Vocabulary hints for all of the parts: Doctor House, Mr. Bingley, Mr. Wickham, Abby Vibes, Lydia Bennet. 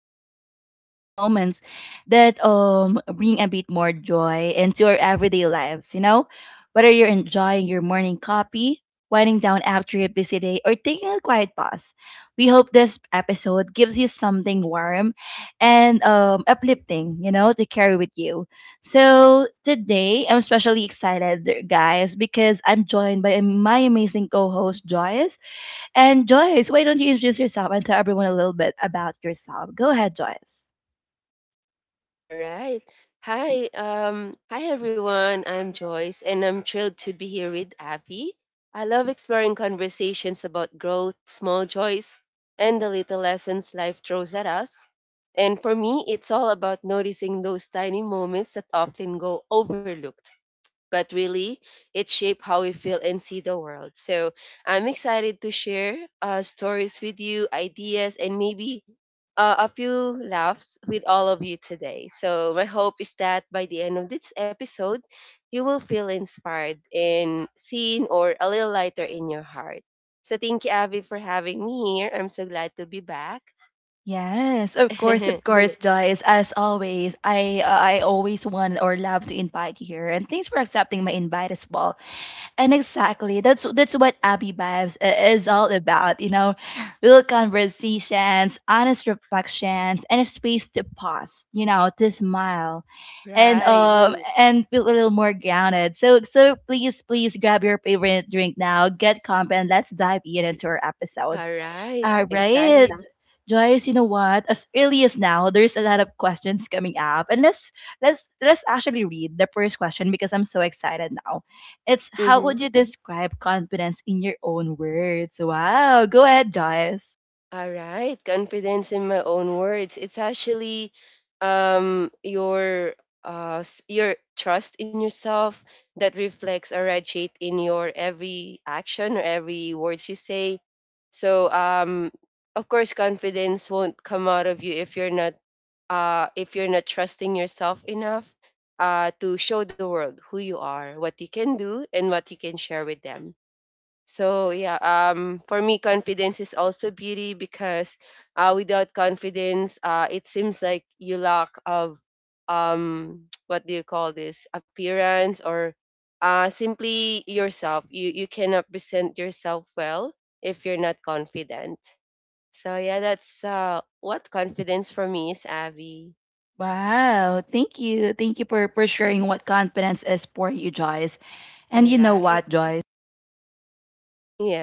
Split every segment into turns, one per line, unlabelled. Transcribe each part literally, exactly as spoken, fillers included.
insights and moments that um bring a bit more joy into our everyday lives, you know? Whether you're enjoying your morning coffee, winding down after a busy day, or taking a quiet pause, we hope this episode gives you something warm and um, uplifting, you know, to carry with you. So today, I'm especially excited, guys, because I'm joined by my amazing co-host, Joyce. And Joyce, why don't you introduce yourself and tell everyone a little bit about yourself? Go ahead, Joyce.
All right. Hi, um, hi everyone. I'm Joyce, and I'm thrilled to be here with Abby. I love exploring conversations about growth, small joys, and the little lessons life throws at us. And for me, it's all about noticing those tiny moments that often go overlooked but really it shaped how we feel and see the world. So I'm excited to share uh, stories with you, ideas, and maybe uh, a few laughs with all of you today. So my hope is that by the end of this episode, you will feel inspired and seen or a little lighter in your heart. So thank you, Abby, for having me here. I'm so glad to be back.
Yes, of course, of course, Joyce. As always, I I always want or love to invite you here, and thanks for accepting my invite as well. And exactly, that's that's what Abby Vibes i- is all about. You know, real conversations, honest reflections, and a space to pause. You know, to smile, and
Right.
um, Right. and feel a little more grounded. So so please please grab your favorite drink now, get comp, and let's dive in into our episode.
All right.
All right. Some-
Excited.
Joyce, you know what? As early as now, there's a lot of questions coming up. And let's let's let's actually read the first question because I'm so excited now. It's how
Mm-hmm.
would you describe confidence in your own words? Wow. Go ahead, Joyce.
All right, confidence in my own words. It's actually um your uh s- your trust in yourself that reflects or radiate in your every action or every words you say. So um of course confidence won't come out of you if you're not uh if you're not trusting yourself enough uh to show the world who you are, what you can do and what you can share with them. So yeah, um, for me, confidence is also beauty because uh, without confidence, uh, it seems like you lack of um, what do you call this appearance or uh, simply yourself. You you cannot present yourself well if you're not confident. So yeah, that's uh, what confidence for me is, Abby.
Wow. Thank you. Thank you for, for
Right.
sharing what confidence is for you, Joyce. And
All
you know
right.
what, Joyce?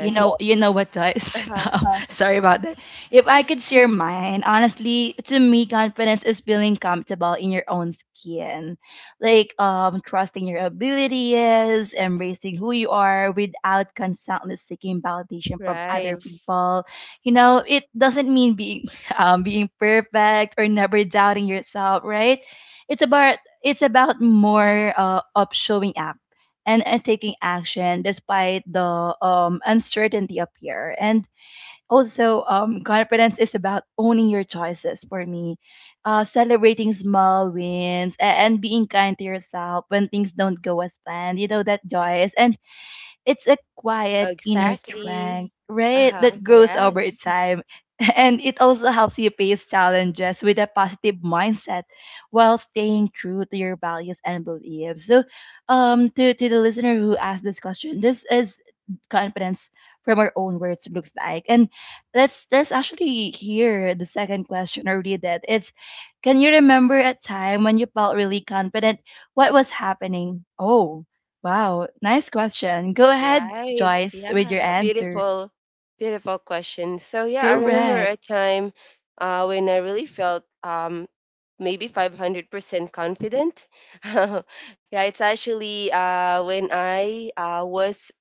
You know, you know what, Joyce?
Uh-huh.
Um, Uh, sorry about that. If I could share mine, honestly, to me, confidence is feeling comfortable in your own skin, like um, trusting your abilities, embracing who you are without constantly seeking validation from other
Right.
people. You know, it doesn't mean being um, being perfect or never doubting yourself, right? It's about it's about more uh, of showing up and, and taking action despite the um, uncertainty up here. And also, um, confidence is about owning your choices for me, uh, celebrating small wins, and, and being kind to yourself when things don't go as planned. You know, that joy is. And it's a quiet inner
Exactly.
strength, right?
Uh-huh.
That grows over
Yes.
time. And it also helps you face challenges with a positive mindset while staying true to your values and beliefs. So, um, to, to the listener who asked this question, this is confidence from our own words looks like. And let's let's actually hear the second question or read it. It's can you remember a time when you felt really confident? What was happening? Oh, Wow, nice question. Go ahead,
Right.
Joyce, with your
Yeah. A
answer.
beautiful, beautiful question. So yeah, I remember a
Correct.
time uh, when I really felt um, maybe five hundred percent confident. Yeah, it's actually uh, when I uh, was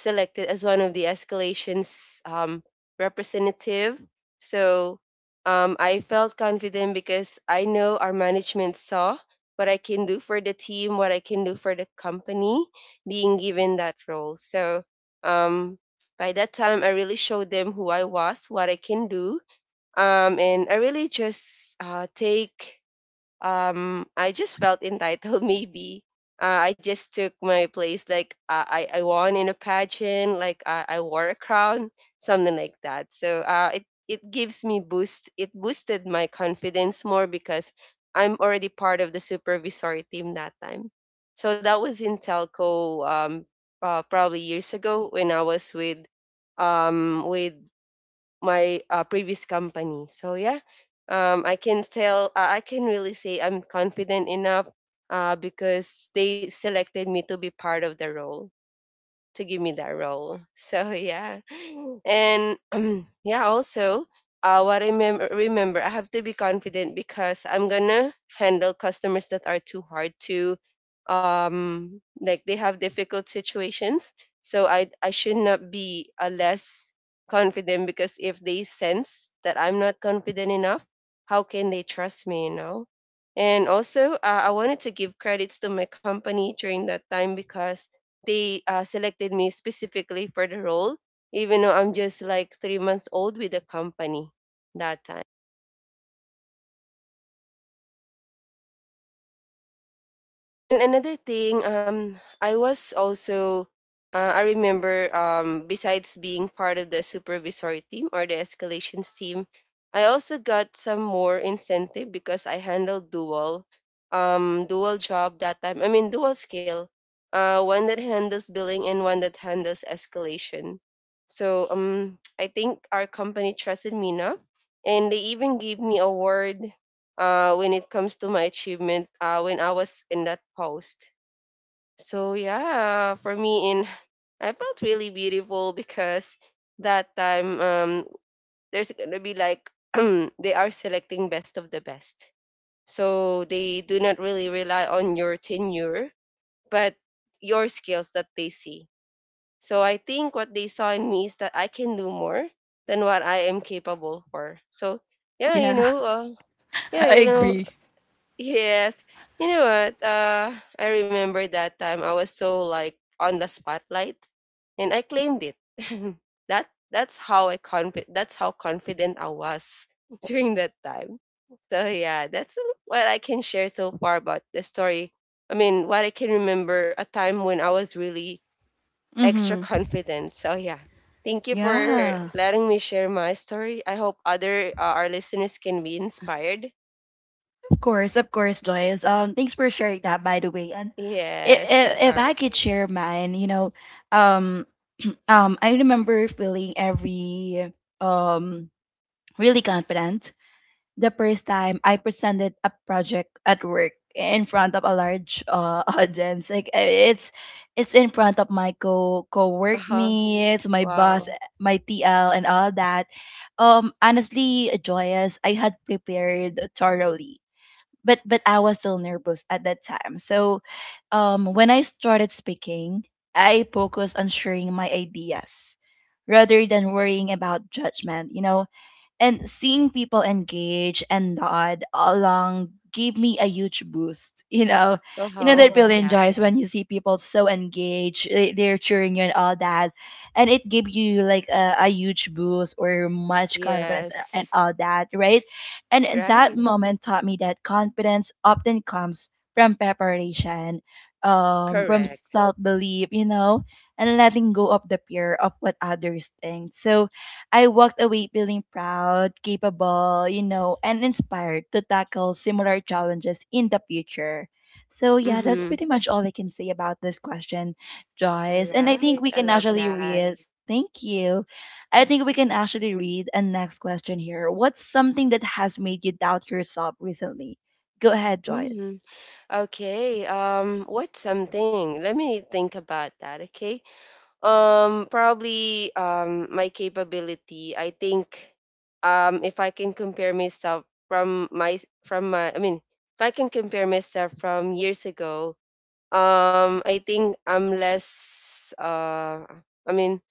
selected as one of the escalations um, representative. So um, I felt confident because I know our management saw what I can do for the team, what I can do for the company, being given that role. So um, by that time, I really showed them who I was, what I can do, um, and I really just uh, take um I just felt entitled maybe uh, I just took my place like uh, I I won in a pageant like uh, I wore a crown something like that. So uh it it gives me boost. It boosted my confidence more because I'm already part of the supervisory team that time. So that was in telco. Um uh, probably years ago when I was with um with my uh, previous company. So yeah, um, I can tell uh, I can really say I'm confident enough uh, because they selected me to be part of the role, to give me that role. So yeah, and um, yeah, also uh, what I remember, remember, I have to be confident because I'm gonna handle customers that are too hard to, um, like they have difficult situations. So I I should not be a less confident because if they sense that I'm not confident enough, how can they trust me? You know. And also, uh, I wanted to give credits to my company during that time because they uh, selected me specifically for the role, even though I'm just like three months old with the company that time. And another thing, um, I was also, uh, I remember, um, besides being part of the supervisory team or the escalations team, I also got some more incentive because I handled dual, um, dual job that time. I mean, dual skill, uh, one that handles billing and one that handles escalation. So, um, I think our company trusted me enough, and they even gave me a award uh, when it comes to my achievement uh, when I was in that post. So yeah, for me, in I felt really beautiful because that time um, there's gonna be like they are selecting best of the best. So they do not really rely on your tenure, but your skills that they see. So I think what they saw in me is that I can do more than what I am capable for. So yeah, you
Yeah,
know, uh, yeah,
I
you know,
agree.
yes. You know what? Uh, I remember that time I was so like on the spotlight and I claimed it. That that's how I confi- that's how confident I was during that time. So yeah, that's what I can share so far about the story. I mean, what I can remember a time when I was really extra
Mm-hmm.
confident. So yeah. Thank you for
Yeah,
letting me share my story. I hope other uh, our listeners can be inspired.
of course, of course, Joyce. Um, thanks for sharing that, by the way. And if,
Yes, of
if
course.
I could share mine, you know, um, um, I remember feeling every um really confident the first time I presented a project at work in front of a large uh, audience. Like uh, it's it's in front of my co co-work
Uh-huh.
mates, my boss,
Wow.
my T L, and all that. Um, honestly, joyous. I had prepared thoroughly. But, but I was still nervous at that time. So um, when I started speaking, I focused on sharing my ideas rather than worrying about judgment. You know, and seeing people engage and nod along gave me a huge boost. you know, you know that
Oh,
really mm
yeah.
enjoys when you see people so engaged, they- they're cheering you and all that, and it gave you like a, a huge boost or much confidence a- and
Yes.
all that, right? And and that
Right.
moment taught me that confidence often comes from preparation, um from
Correct.
self-belief, you know, and letting go of the fear of what others think. So I walked away feeling proud, capable, you know, and inspired to tackle similar challenges in the future. So, yeah, that's
Mm-hmm.
pretty much all I can say about this question,
All
Joyce. And I
right.
think we
I
can
love
actually
that.
read. Thank you. I think we can actually read a next question here. What's something that has made you doubt yourself recently? Go ahead,
Hmm.
Joyce.
Okay. Um, what's something? Let me think about that, okay? Um, probably um my capability. I think um if I can compare myself from my from my I mean, if I can compare myself from years ago, um I think I'm less uh I mean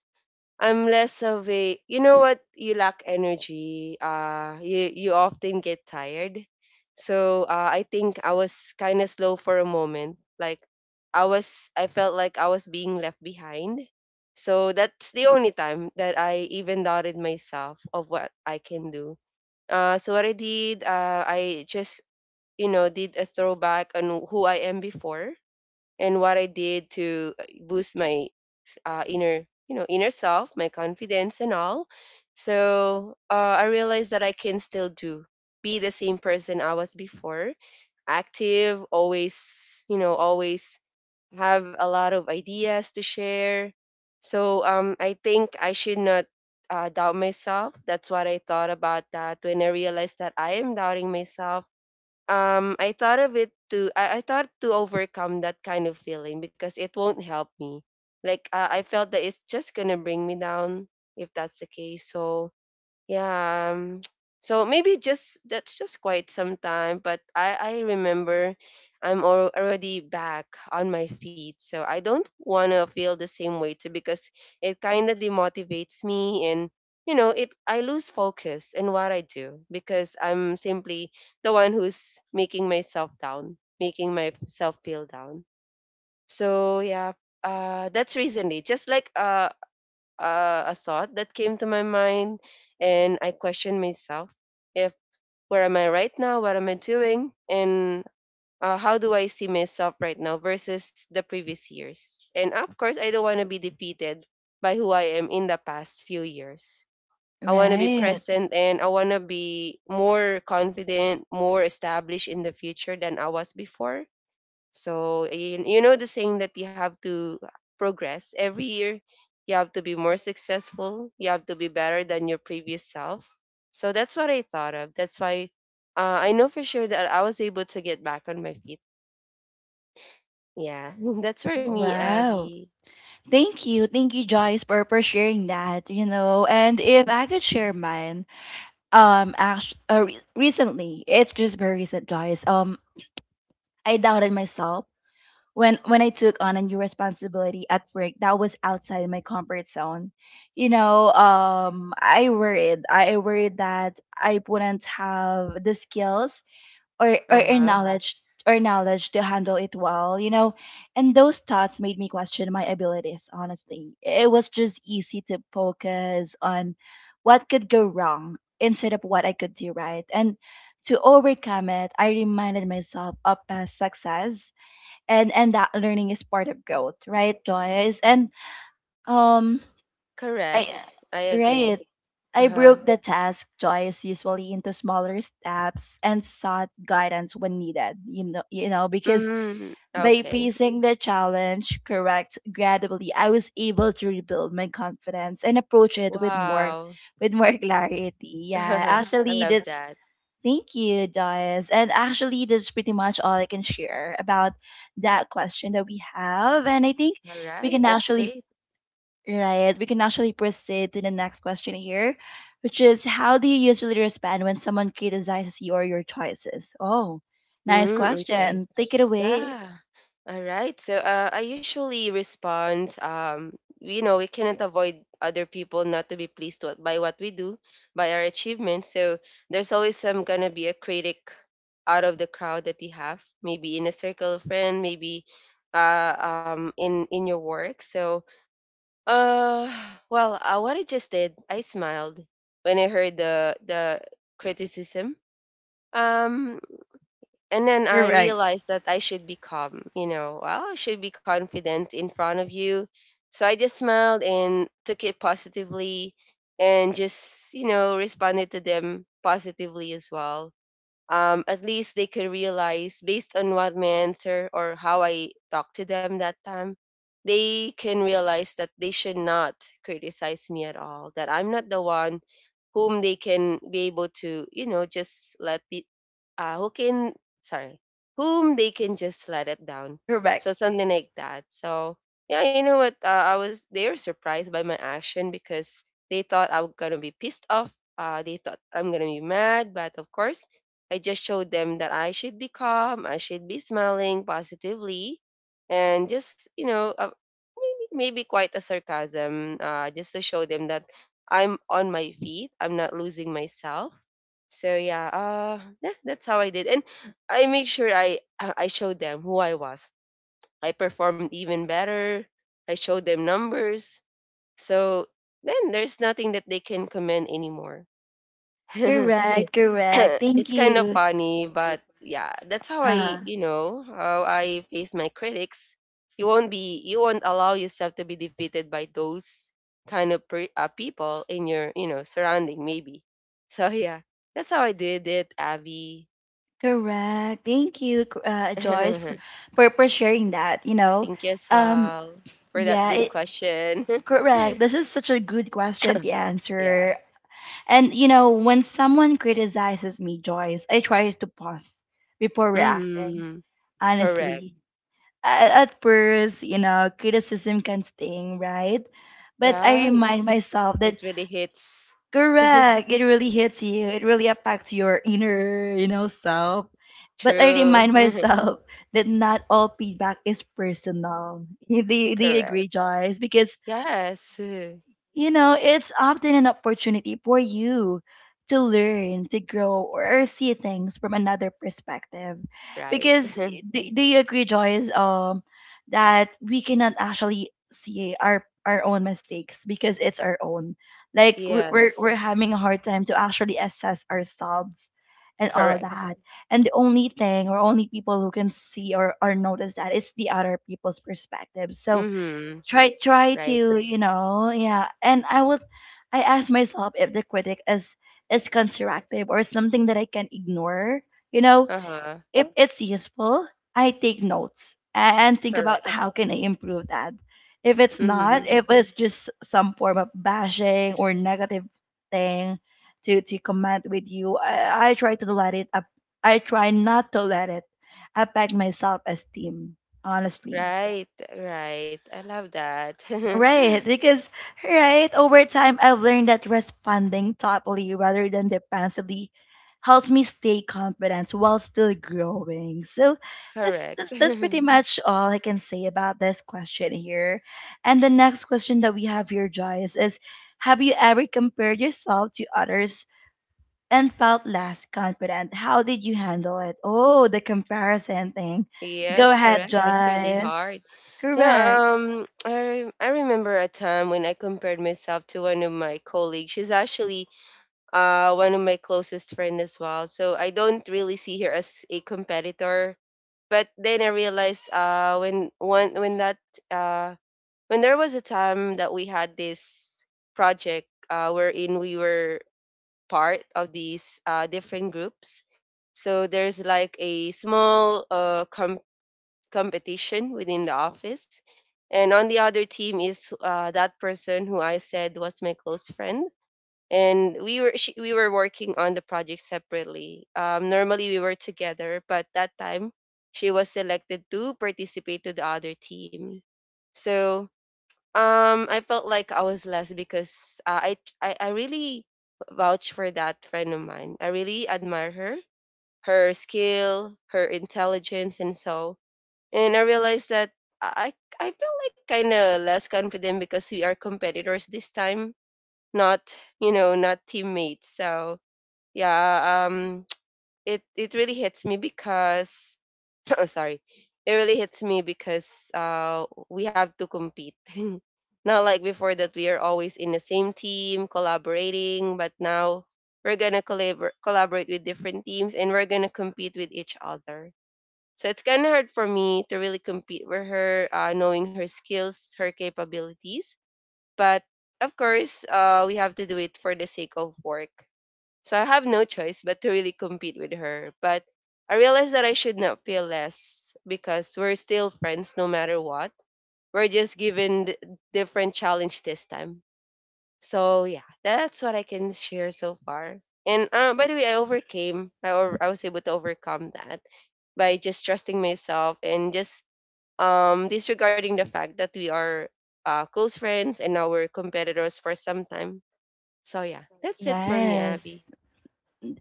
I'm less of a, you know, what you lack energy. Uh, you you often get tired. So uh, I think I was kind of slow for a moment. Like I was, I felt like I was being left behind. So that's the only time that I even doubted myself of what I can do. Uh, so what I did, uh, I just, you know, did a throwback on who I am before and what I did to boost my uh, inner, you know, inner self, my confidence and all. So uh, I realized that I can still do, be the same person I was before, active always, you know, always have a lot of ideas to share. So um I think I should not uh, doubt myself. That's what I thought about that when I realized that I am doubting myself. um I thought of it to I, I thought to overcome that kind of feeling because it won't help me. Like uh, I felt that it's just gonna bring me down if that's the case. So yeah. Um, so maybe just that's just quite some time, but i i remember i'm al- already back on my feet, so I don't want to feel the same way too because it kind of demotivates me and, you know, it, I lose focus in what I do because I'm simply the one who's making myself down, making myself feel down. So yeah, uh that's recently, just like uh uh, a thought that came to my mind, and I questioned myself, if where am I right now, what am I doing, and uh, how do I see myself right now versus the previous years. And of course, I don't want to be defeated by who I am in the past few years. I want to be
Right.
present and I want to be more confident, more established in the future than I was before. So you, you know the saying that you have to progress every year. You have to be more successful. You have to be better than your previous self. So that's what I thought of. That's why uh, I know for sure that I was able to get back on my feet. Yeah, that's for me,
Wow.
Abby.
Thank you. Thank you, Joyce, for, for sharing that, you know. And if I could share mine, um act uh, re- recently, it's just very recent, guys. um I doubted myself when when I took on a new responsibility at work that was outside my comfort zone. You know, um i worried I worried that I wouldn't have the skills or or,
Uh
or
huh.
knowledge or knowledge to handle it well, you know. And those thoughts made me question my abilities, honestly. It was just easy to focus on what could go wrong instead of what I could do right. And to overcome it, I reminded myself of past success and and that learning is part of growth, right, Joyce? And um I
Correct. I
right.
agree. Uh
I
huh.
broke the task, Joyce, usually into smaller steps and sought guidance when needed. You know, you know, because
Mm,
by
okay.
piecing the challenge correct gradually, I was able to rebuild my confidence and approach it with more,
Wow.
with more clarity. Yeah,
I
actually,
love
that's
that.
thank you, Joyce, and actually, that's pretty much all I can share about that question that we have, and I think
All
we
right.
can
That's
actually
great.
Right. We can actually proceed to the next question here, which is how do you usually respond when someone criticizes you or your choices? Oh, nice
Mm, okay.
question. Take it away.
Yeah. All right. So uh, I usually respond, um, you know, we cannot avoid other people not to be pleased to, by what we do, by our achievements. So there's always some gonna be a critic out of the crowd that you have, maybe in a circle of friends, maybe uh, um, in in your work. So, uh, well, uh, what I just did, I smiled when I heard the the criticism. Um, and then I
Correct.
realized that I should be calm, you know, well, I should be confident in front of you. So I just smiled and took it positively and just, you know, responded to them positively as well. Um, at least they could realize based on what my answer or how I talked to them that time, they can realize that they should not criticize me at all, that I'm not the one whom they can be able to, you know, just let be, uh, who can, sorry, whom they can just let it down.
Correct.
So something like that. So yeah, you know what? Uh, I was They were surprised by my action because they thought I was gonna be pissed off. Uh, they thought I'm gonna be mad, but of course I just showed them that I should be calm, I should be smiling positively, and just, you know, uh, maybe, maybe quite a sarcasm, uh, just to show them that I'm on my feet, I'm not losing myself. So yeah, uh, yeah, that's how I did, and I make sure I I I showed them who I was. I performed even better. I showed them numbers. So then there's nothing that they can comment anymore.
Correct, correct. Thank
It's kind of
you.
funny, but yeah, that's how
Uh,
I,
huh.
you know, how I face my critics. You won't be, you won't allow yourself to be defeated by those kind of pre- uh, people in your, you know, surrounding, maybe. So yeah, that's how I did it, Abby.
Correct. Thank you, c- uh, Joyce, for,
Thank
for for sharing that. You know,
you as
um,
well for that
yeah,
good
it,
question.
correct. This is such a good question to
Yeah.
answer. And you know, when someone criticizes me, Joyce, I try to pause before reacting.
Hmm. Correct.
Honestly, A- at first, you know, criticism can sting, right? But I
Right.
remind myself that
It really hits.
correct, it really hits you. It really affects your inner, you know, self. But I remind
True.
myself that not all feedback is personal. Do you, do you
Correct.
agree, Joyce? Because
Yes.
you know, it's often an opportunity for you to learn, to grow, or see things from another perspective.
Right.
Because do, do you agree, Joyce, um, that we cannot actually see our our own mistakes because it's our own. Like we- we're we're
Yes.
having a hard time to actually assess ourselves and all
Correct.
that. And the only thing or only people who can see or, or notice that is the other people's perspective. So
Mm-hmm.
try try
Right.
to, you know, yeah, and i was I asked myself if the critic is is constructive or something that I can ignore, you know?
Uh-huh.
If it's useful, I take notes and think about
Correct.
how can I improve that. If it's not,
Mm-hmm.
if it's just some form of bashing or negative thing to to comment with you, i, I try to let it up. I try not to let it affect my self-esteem, honestly.
Right. Right. I love that.
Right, because right over time I've learned that responding thoughtfully rather than defensively helps me stay confident while still growing. So that's
Correct.
that's that's pretty much all I can say about this question here. And the next question that we have here, Joyce, is have you ever compared yourself to others and felt less confident? How did you handle it? Oh, the comparison thing. Go
Yes,
ahead,
correct. That's really
Joyce.
hard. Yeah,
Correct.
um, I I remember a time when I compared myself to one of my colleagues. She's actually uh one of my closest friend as well. So I don't really see her as a competitor. But then I realized uh when one when that uh when there was a time that we had this project, uh, wherein we were part of these, uh, different groups. So there's like a small, uh, com- competition within the office. And on the other team is, uh, that person who I said was my close friend. And we were she, we were working on the project separately. Um, normally we were together, but that time she was selected to participate to the other team. So um, I felt like I was less because uh, I, I I really vouch for that friend of mine. I really admire her, her skill, her intelligence, and so. And I realized that I I feel like kind of less confident because we are competitors this time, not, you know, not teammates. So yeah, um, it it really hits me because oh, sorry, it really hits me because uh we have to compete, not like before that we are always in the same team collaborating, but now we're gonna collabor- collaborate with different teams and we're gonna compete with each other. So it's kind of hard for me to really compete with her, uh, knowing her skills, her capabilities. But of course, uh, we have to do it for the sake of work, so I have no choice but to really compete with her. But I realized that I should not feel less because we're still friends no matter what. We're just given d- different challenge this time. So yeah, that's what I can share so far. And uh, by the way, I overcame. I over, I was able to overcome that by just trusting myself and just um disregarding the fact that we are, uh, close friends and now we're competitors for some time. So yeah, that's it for me, Abby.
Yes.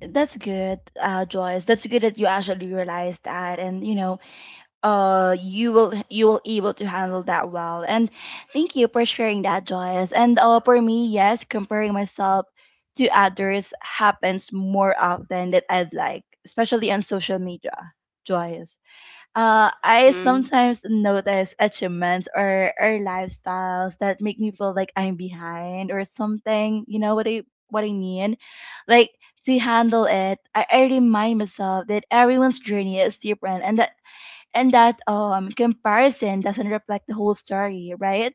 That's good, uh, Joyce. That's good that you actually realized that, and you know, uh, you will you will able to handle that well. And thank you for sharing that, Joyce. And uh, for me, yes, comparing myself to others happens more often than I'd like, especially on social media, Joyce. Uh, I sometimes notice achievements or, or lifestyles that make me feel like I'm behind or something. You know what I what I mean? Like to handle it, I, I remind myself that everyone's journey is different and that and that um comparison doesn't reflect the whole story, right?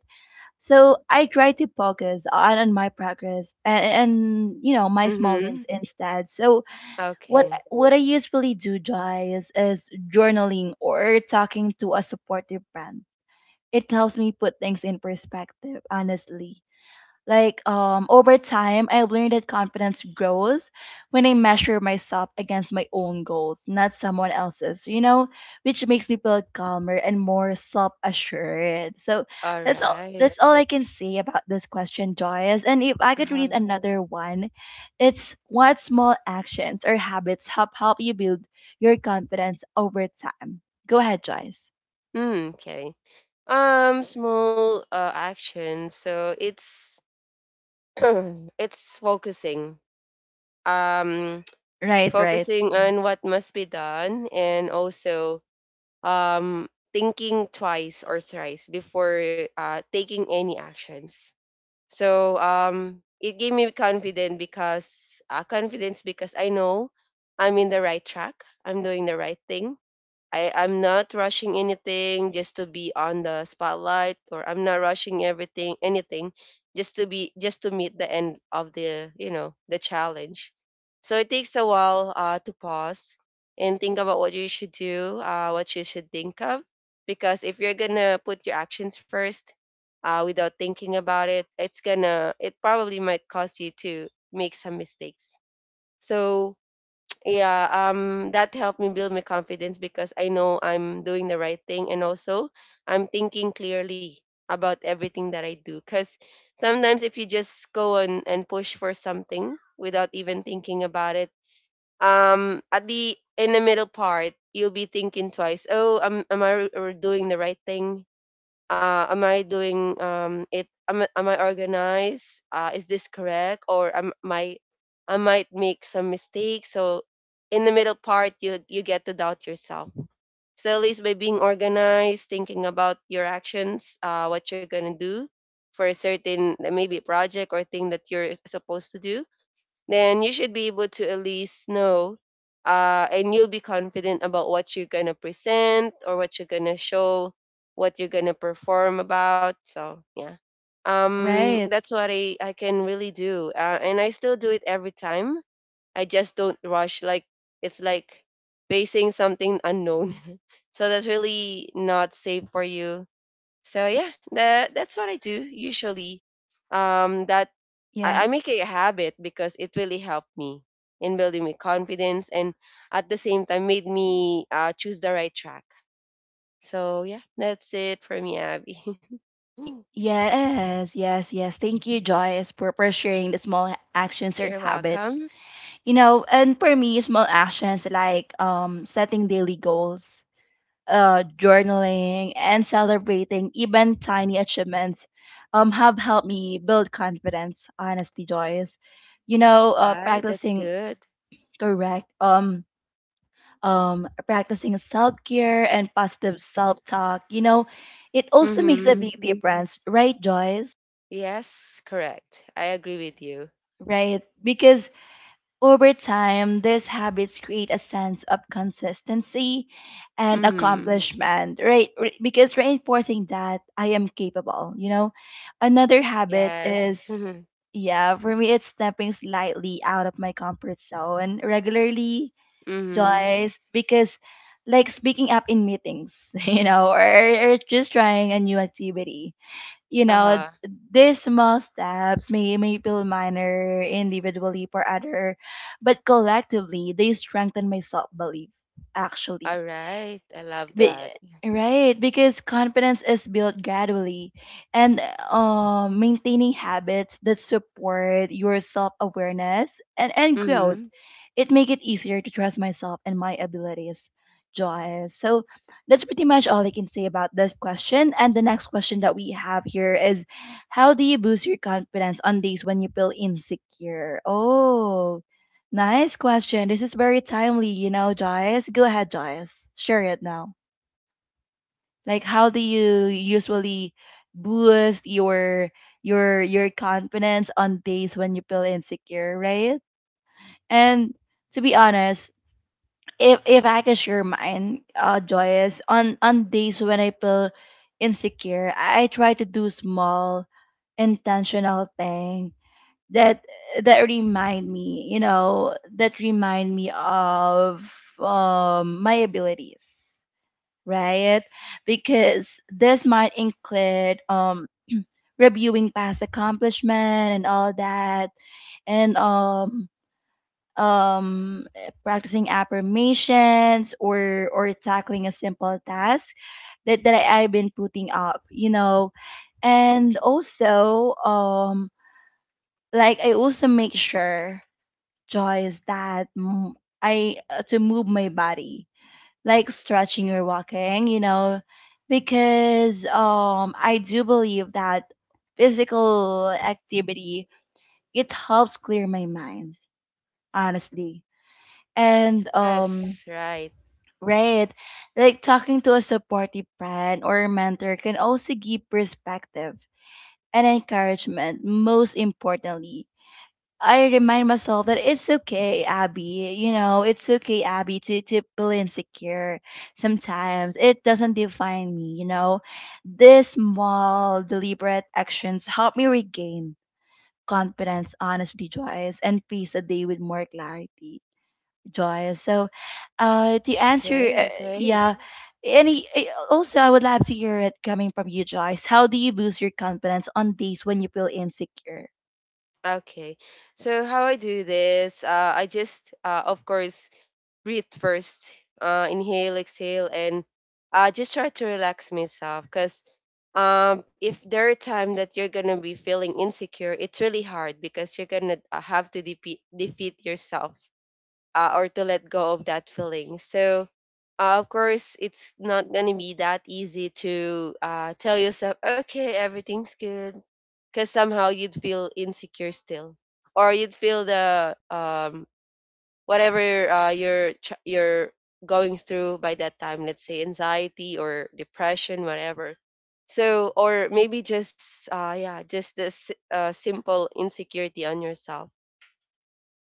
So I try to focus on, on my progress and, and, you know, my small
Mhm.
wins instead. So what I-
Okay.
what I usually do, guys, is journaling or talking to a supportive friend. It helps me put things in perspective, honestly. Like um, over time, I've learned that confidence grows when I measure myself against my own goals, not someone else's. You know, which makes me feel calmer and more self-assured. So that's all.
Alright.
That's all I can say about this question, Joyce. And if I could read
Uh.
another one, it's what small actions or habits help help you build your confidence over time. Go ahead, Joyce.
Mm, okay. Um, small, uh, action. So it's it's focusing. Um,
Right, right,
focusing on what must be done, and also um thinking twice or thrice before uh taking any actions. So um, it gave me confidence because uh, confidence because I know I'm in the right track. I'm doing the right thing. I I'm not rushing anything just to be on the spotlight, or I'm not rushing everything anything just to be, just to meet the end of the, you know, the challenge. So it takes a while, uh, to pause and think about what you should do, uh, what you should think of, because if you're gonna put your actions first, uh, without thinking about it, it's gonna it probably might cause you to make some mistakes. So yeah, um that helped me build my confidence because I know I'm doing the right thing, and also I'm thinking clearly about everything that I do. Because sometimes if you just go and, and push for something without even thinking about it, um at the, in the middle part, you'll be thinking twice. Oh am, am I r- or doing the right thing, uh, am I doing, um it am, I- am I organized, uh, is this correct, or am my I might make some mistakes? So in the middle part, you you get to doubt yourself. So at least by being organized, thinking about your actions, uh, what you're gonna do for a certain, maybe, project or thing that you're supposed to do, then you should be able to at least know, uh, and you'll be confident about what you're going to present, or what you're going to show, what you're going to perform about. So, yeah. Um,
right.
that's what I, I can really do. Uh, and I still do it every time. I just don't rush. Like, it's like facing something unknown. So, that's really not safe for you. So, yeah, that, that's what I do usually, um, that I, I
Yeah.
make it a habit because it really helped me in building my confidence, and at the same time made me, uh, choose the right track. So yeah, that's it for me, Abby.
Y- Yes, yes, yes. Thank you, Joyce, for, for sharing the small actions or
You're
habits.
welcome.
You know, and for me, small actions like um setting daily goals, uh, journaling, and celebrating even tiny achievements um have helped me build confidence, honestly, Joyce. You know,
All
uh
right, that's
practicing
good.
correct um um practicing self-care and positive self-talk, you know, it also makes a
Mm-hmm.
big difference, right, Joyce?
Yes, correct. I agree with you.
Right. Because over time, these habits create a sense of consistency and
Mm-hmm.
accomplishment, right? Re- Because reinforcing that I am capable, you know? Another habit
Yes.
is, yeah, for me, it's stepping slightly out of my comfort zone regularly,
Mm-hmm.
Joyce, because like speaking up in meetings, you know, or, or just trying a new activity you know,
Uh-huh.
these small steps may, may feel minor individually for other, but collectively they strengthen my self belief actually.
All right. I love
Be-
that.
Yeah. right, because confidence is built gradually, and uh, maintaining habits that support your self awareness and, and growth.
Mm-hmm.
It make it easier to trust myself and my abilities, Joyce. So that's pretty much all I can say about this question. And the next question that we have here is, how do you boost your confidence on days when you feel insecure? Oh, nice question. This is very timely, you know, Joyce. Go ahead, Joyce. Share it now. Like how do you usually boost your your your confidence on days when you feel insecure, right? And to be honest, if if I could share mine, uh, joyous on on days when I feel insecure, I try to do small, intentional thing that that remind me, you know, that remind me of um my abilities, right? Because this might include um reviewing past accomplishment and all that and um um practicing affirmations or or tackling a simple task that, that I, I've been putting up, you know. And also um like I also make sure Joyce that mm, I uh, to move my body like stretching or walking, you know, because um I do believe that physical activity it helps clear my mind, honestly. And um
Yes, right.
right, like talking to a supportive friend or mentor can also give perspective and encouragement, most importantly I remind myself that it's okay, Abby. You know, it's okay, Abby, to, to feel insecure sometimes. It doesn't define me, you know. These small, deliberate actions help me regain confidence, honesty, Joyce, and peace a day with more clarity, Joyce. So, uh, to answer,
Okay,
uh,
great.
yeah, any, eh, also, I would love to hear it coming from you, Joyce. How do you boost your confidence on days when you feel insecure?
Okay. So how I do this, uh, I just, uh, of course, breathe first, uh, inhale, exhale, and uh, just try to relax myself. Because um, if there are time that you're gonna be feeling insecure, it's really hard because you're gonna, uh, have to depe defeat yourself, uh, or to let go of that feeling. So, uh, of course, it's not gonna be that easy to, uh, tell yourself, okay, everything's good, because somehow you'd feel insecure still, or you'd feel the um whatever, uh, you're tr- you're going through by that time. Let's say anxiety or depression, whatever. So, or maybe just, uh yeah, just this, uh, simple insecurity on yourself.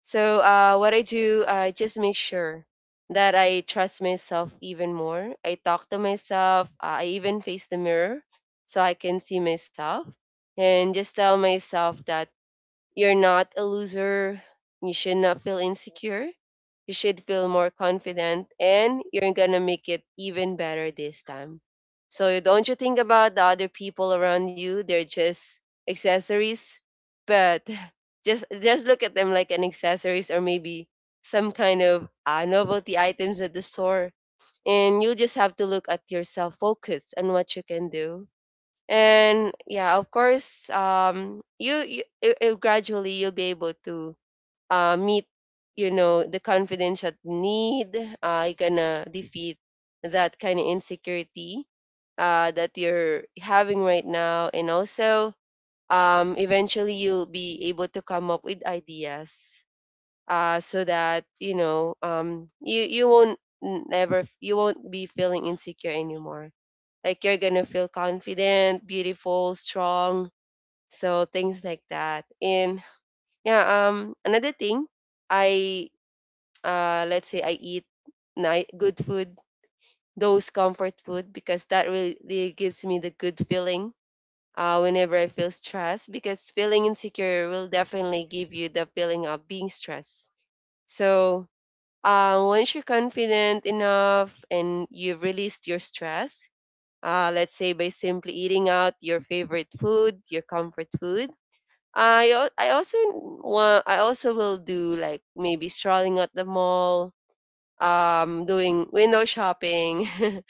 So, uh, what I do, I just make sure that I trust myself even more. I talk to myself. uh, I even face the mirror so I can see myself and just tell myself that you're not a loser. You should not feel insecure. You should feel more confident and you're going to make it even better this time. So don't you think about the other people around you? They're just accessories, but just just look at them like an accessories, or maybe some kind of, uh, novelty items at the store. And you just have to look at yourself, focus on what you can do. And yeah, of course, um you, you i- i- gradually you'll be able to, uh, meet, you know, the confidence that you need. Uh, you're gonna defeat that kind of insecurity, uh, that you're having right now. And also um, eventually you'll be able to come up with ideas, uh, so that, you know, um, you you won't never you won't be feeling insecure anymore. Like you're gonna feel confident, beautiful, strong, so things like that. And yeah, um another thing, I uh let's say I eat night good food, those comfort food, because that really gives me the good feeling, uh, whenever I feel stressed, because feeling insecure will definitely give you the feeling of being stressed. So, uh, once you're confident enough and you've released your stress, uh, let's say by simply eating out your favorite food, your comfort food. I al- I also want I also will do, like, maybe strolling at the mall, um, doing window shopping,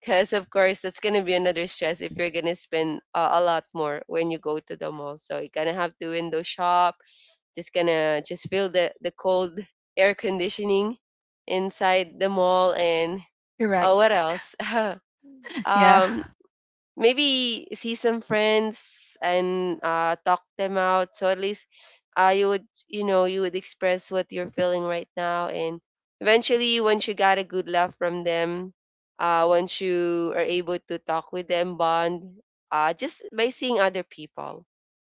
because of course that's gonna be another stress if you're gonna spend, uh, a lot more when you go to the mall. So you're gonna have to window shop. Just gonna just feel the the cold air conditioning inside the mall. And uh,
Correct.
what else?
Yeah.
Um, maybe see some friends and, uh, talk them out. So at least, uh, you would, you know, you would express what you're feeling right now. And eventually, once you got a good laugh from them, uh, once you are able to talk with them, bond, uh, just by seeing other people,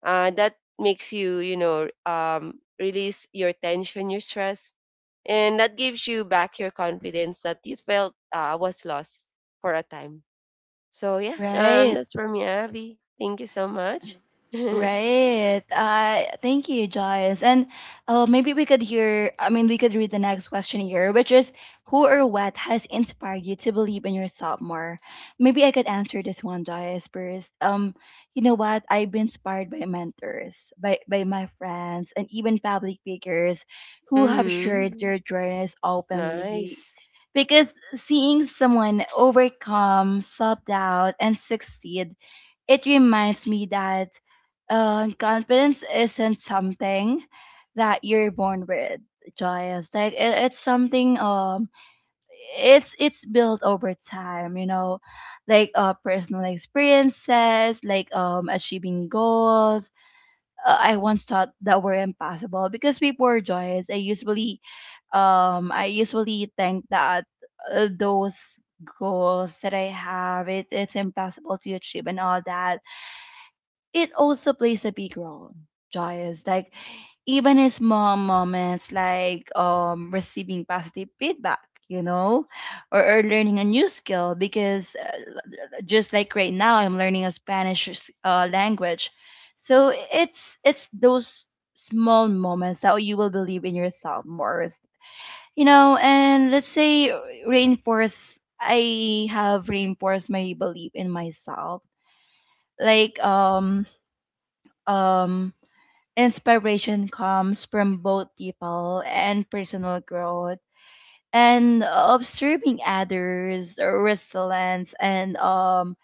uh, that makes you, you know, um, release your tension, your stress. And that gives you back your confidence that you felt, uh, was lost for a time. So yeah, um,
Right.
that's from me, Abby. Thank you so much.
Right. Uh, thank you, Joyce. And uh, maybe we could hear, I mean, we could read the next question here, which is, who or what has inspired you to believe in yourself more? Maybe I could answer this one, Joyce, first. Um, you know what? I've been inspired by mentors, by, by my friends, and even public figures who have shared
Hmm.
their journeys openly.
Nice.
Because seeing someone overcome self doubt and succeed it reminds me that um, confidence isn't something that you're born with, Joyous. Like it, it's something um it's it's built over time, you know, like uh personal experiences, like um achieving goals. Uh, I once thought that were impossible because before Joyous, I usually um I usually think that uh, those goals that I have it it's impossible to achieve and all that it also plays a big role, Joyous. Like even his small moments like um receiving positive feedback, you know, or, or learning a new skill because uh, just like right now I'm learning a Spanish uh, language. So it's it's those small moments that you will believe in yourself more. You know, and let's say reinforce I have reinforced my belief in myself. Like um um inspiration comes from both people and personal growth and observing others' resilience and um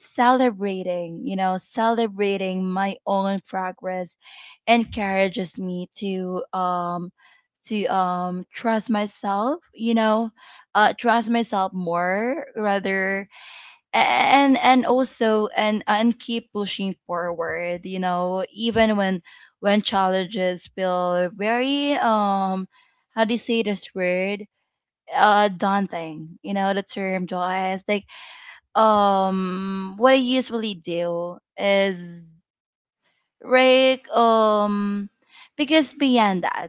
celebrating, you know, celebrating my own progress encourages me to um to um trust myself, you know, uh trust myself more rather, and and also and and keep pushing forward, you know even when when challenges feel very, um how do you say this word, uh daunting, you know the term, Joyce. Like, um what I usually do is, like, um because beyond that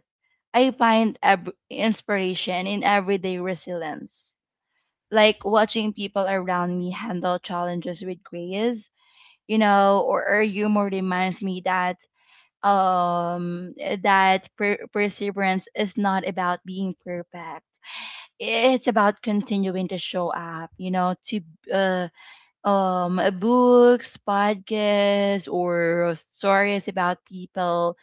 I find ab- inspiration in everyday resilience, like watching people around me handle challenges with grace, you know, or, or humor reminds me that, um eh, that per- perseverance is not about being perfect. It's about continuing to show up you know to uh, um eh, Books, podcasts, or stories about people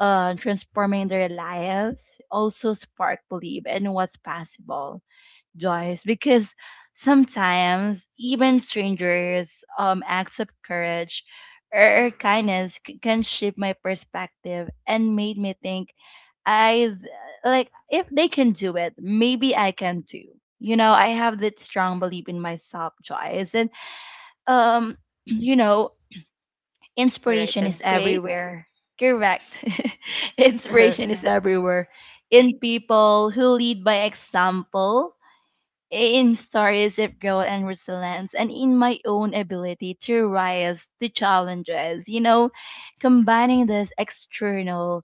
uh transforming their lives also spark belief in what's possible, Joyce, because sometimes even strangers', um, acts of courage or kindness c- can shape my perspective and made me think, I th- like if they can do it, maybe I can too. You know, I have that strong belief in myself, Joyce, and um, you know,
All right,
inspiration is,
that's
Yes, right.
great.
everywhere. Correct. Inspiration is everywhere, in people who lead by example, in stories of growth and resilience, and in my own ability to rise to challenges. You know, combining these external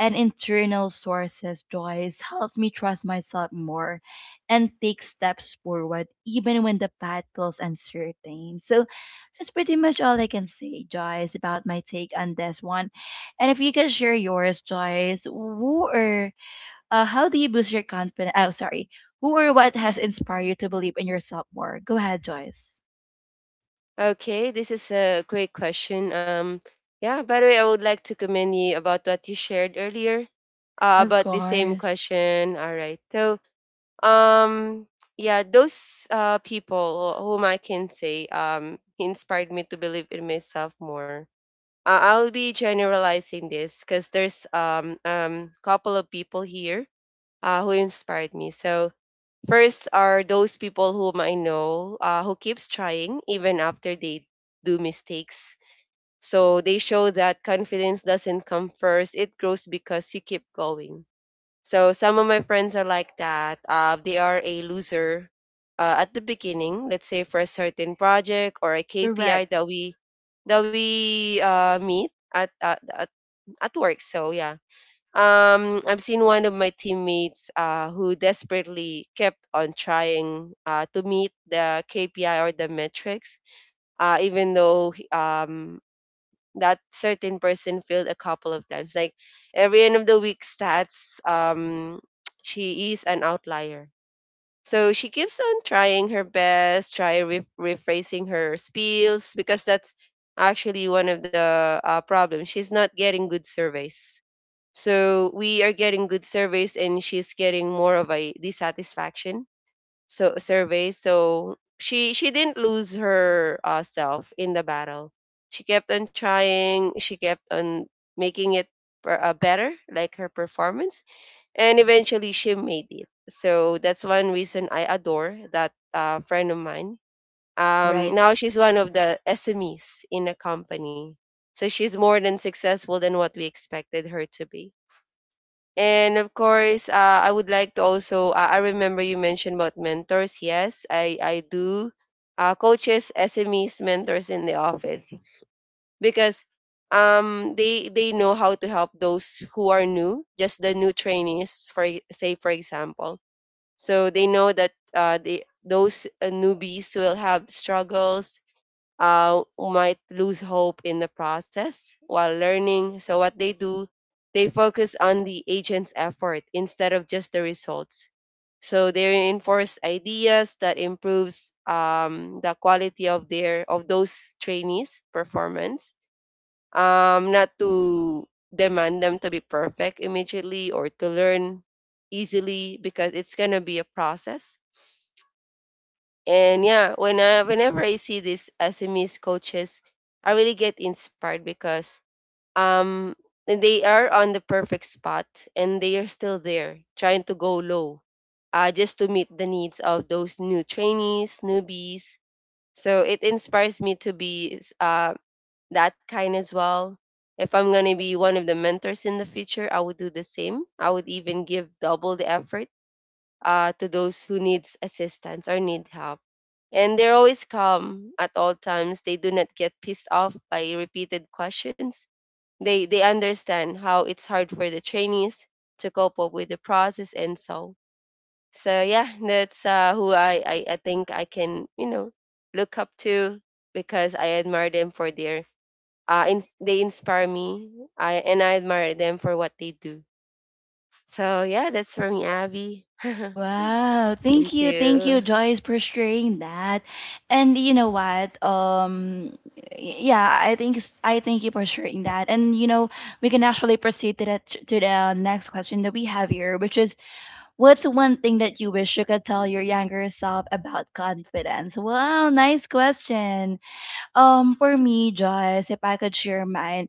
and internal sources, Joyce, helps me trust myself more and take steps forward, even when the path feels uncertain. So that's pretty much all I can say, Joyce, about my take on this one. And if you can share yours, Joyce, who are uh, how do you boost your confidence? Oh, sorry. Who or what has inspired you to believe in yourself more? Go ahead, Joyce.
Okay, this is a great question. Um, yeah. By the way, I would like to commend you about what you shared earlier, uh,
Of
about the same
course.
question. All right. So, um, yeah, those uh people who- whom I can say um inspired me to believe in myself more. uh, I'll be generalizing this because there's um um couple of people here, uh, who inspired me. So first are those people whom I know, uh, who keeps trying even after they do mistakes. So they show that confidence doesn't come first; it grows because you keep going. So some of my friends are like that. Uh, they are a loser, uh, at the beginning. Let's say for a certain project or a K P I
Correct.
that we that we uh, meet at, at at at work. So yeah. Um, I've seen one of my teammates uh, who desperately kept on trying uh, to meet the K P I or the metrics, uh, even though he- um, that certain person failed a couple of times. Like every end of the week stats, um, she is an outlier. So she keeps on trying her best, try re- rephrasing her spiels because that's actually one of the uh, problems. She's not getting good surveys. So we are getting good surveys, and she's getting more of a dissatisfaction so survey so she she didn't lose her uh, self in the battle. She kept on trying, she kept on making it per- uh, better, like her performance, and eventually she made it. So that's one reason I adore that uh, friend of mine. Um,
Right.
now she's one of the SMEs in a company, so she's more than successful than what we expected her to be. And of course, uh, I would like to also, uh, I remember you mentioned about mentors. Yes, I, I do. Uh, coaches, S M Es, mentors in the office, because um, they they know how to help those who are new, just the new trainees, for e- say for example. So they know that uh, the those uh, newbies will have struggles, uh, might lose hope in the process while learning. So what they do, they focus on the agent's effort instead of just the results. So they reinforce ideas that improves um, the quality of their of those trainees' performance. Um, not to demand them to be perfect immediately or to learn easily, because it's gonna be a process. And yeah, when I, whenever I see these S M Es coaches, I really get inspired, because um and they are on the perfect spot, and they are still there trying to go low, uh, just to meet the needs of those new trainees, newbies. So it inspires me to be s- uh, that kind as well. If I'm going to be one of the mentors in the future, I would do the same. I would even give double the effort uh, to those who needs assistance or need help. And they're always calm at all times. They do not get pissed off by repeated questions. They they understand how it's hard for the trainees to cope up with the process and so. So yeah, that's uh, who I, I I think I can, you know, look up to, because I admire them for their uh in, they inspire me. I and I admire them for what they do. So yeah, that's for me, Abby.
Wow, thank
Thank
you, thank you,
you.
Joyce, for sharing that. And you know what? Um, y- yeah, I think s- I thank you for sharing that. And you know, we can actually proceed to that to the next question that we have here, which is, what's one thing that you wish you could tell your younger self about confidence? Wow, nice question. Um, for me, just if I could share mine,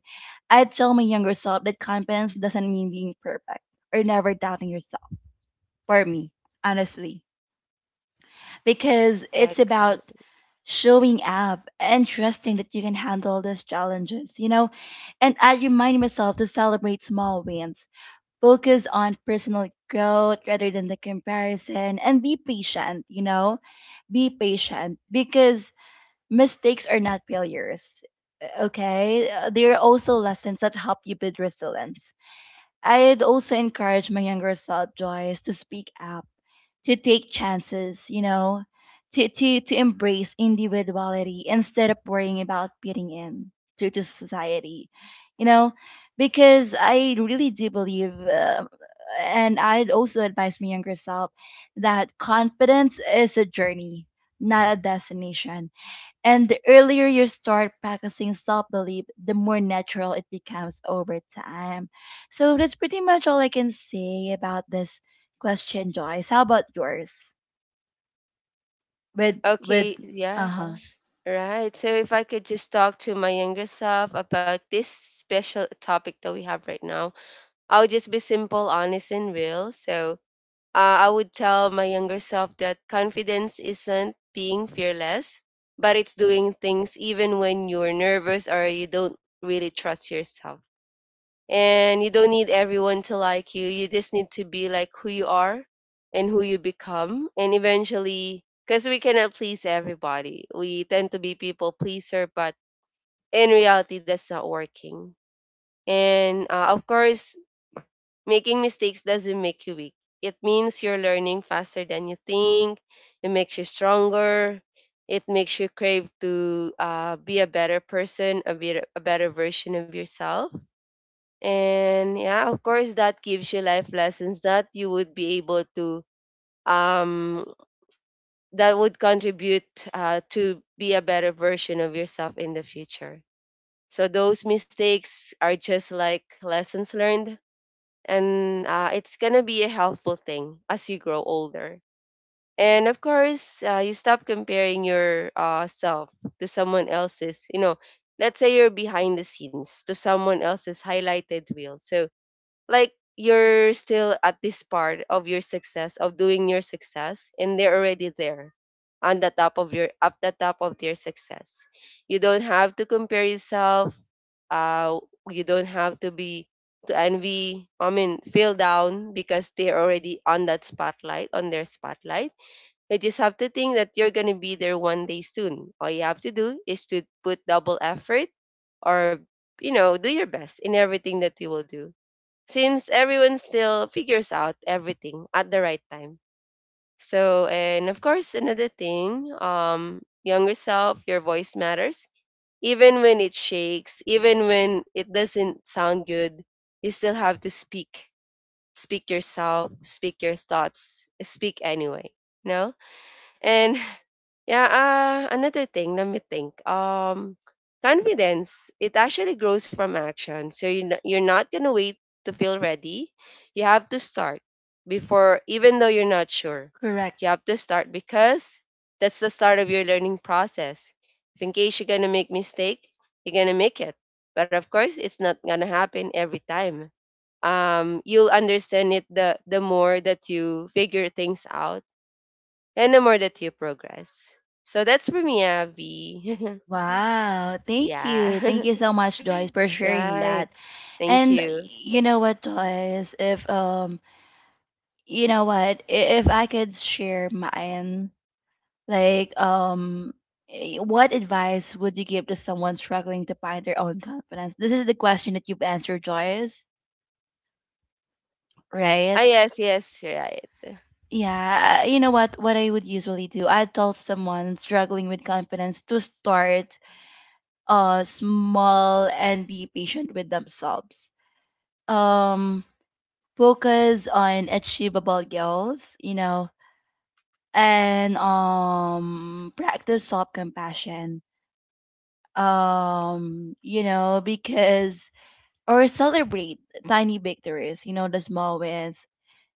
I'd tell my younger self that confidence doesn't mean being perfect or never doubting yourself. For me, honestly, because it's
Perfect.
about showing up and trusting that you can handle these challenges, you know. And I remind myself to celebrate small wins, focus on personal growth rather than the comparison, and be patient, you know. Be patient because mistakes are not failures. Okay, Uh, they are also lessons that help you build resilience. I'd also encourage my younger self, Joyce, to speak up, to take chances, you know, to to to embrace individuality instead of worrying about fitting in to to society, you know, because I really do believe, uh, and I'd also advise my younger self that confidence is a journey, not a destination, and the earlier you start practicing self belief, the more natural it becomes over time. So that's pretty much all I can say about this question, Joyce. How about yours? With with
Okay,
uh
yeah,
huh, Oh,
right. So if I could just talk to my younger self about this special topic that we have right now, I would just be simple, honest, and real. So uh, I would tell my younger self that confidence isn't being fearless, but it's doing things even when you're nervous or you don't really trust yourself. And you don't need everyone to like you you just need to be like who you are and who you become. And eventually, because we cannot please everybody, we tend to be people pleaser, but in reality that's not working. And uh, of course, making mistakes doesn't make you weak, it means you're learning faster than you think. It makes you stronger, it makes you crave to uh, be a better person, a better, a better version of yourself. And yeah, of course, that gives you life lessons that you would be able to, um, that would contribute uh, to be a better version of yourself in the future. So those mistakes are just like lessons learned, and uh, it's gonna be a helpful thing as you grow older. And of course, uh, you stop comparing your uh, self to someone else's. You know, let's say you're behind the scenes to someone else's highlighted reel. So like you're still at this part of your success, of doing your success, and they're already there on the top of your up the top of their success. You don't have to compare yourself, uh you don't have to be to envy, I mean, feel down because they're already on that spotlight, on their spotlight. You just have to think that you're going to be there one day soon. All you have to do is to put double effort, or, you know, do your best in everything that you will do, since everyone still figures out everything at the right time. So, and of course, another thing, um, younger self, your voice matters. Even when it shakes, even when it doesn't sound good, you still have to speak. Speak yourself, speak your thoughts, speak anyway. No? And yeah, uh, another thing, let me think. Um, confidence, it actually grows from action. So you n- you're not gonna wait to feel ready. You have to start before, even though you're not sure.
correct.
You have to start, because that's the start of your learning process. If in case you're gonna make mistake, you're gonna make it. But of course, it's not gonna happen every time. Um, you'll understand it, the the more that you figure things out and the more that you progress. So that's for me, Abby.
Wow, thank you,
Yeah.
thank you so much, Joyce, for sharing
Right.
that.
Thank
And
you.
you know what, Joyce, if um, you know what, I- if I could share mine. Like, um, eh, what advice would you give to someone struggling to find their own confidence? This is the question that you've answered, Joyce,
Ah,
right?
yes, yes, right.
Yeah, you know what? What I would usually do, I tell someone struggling with confidence to start uh small and be patient with themselves. Um, focus on achievable goals, you know, and um practice self compassion, um you know because or celebrate tiny victories, you know, the small wins,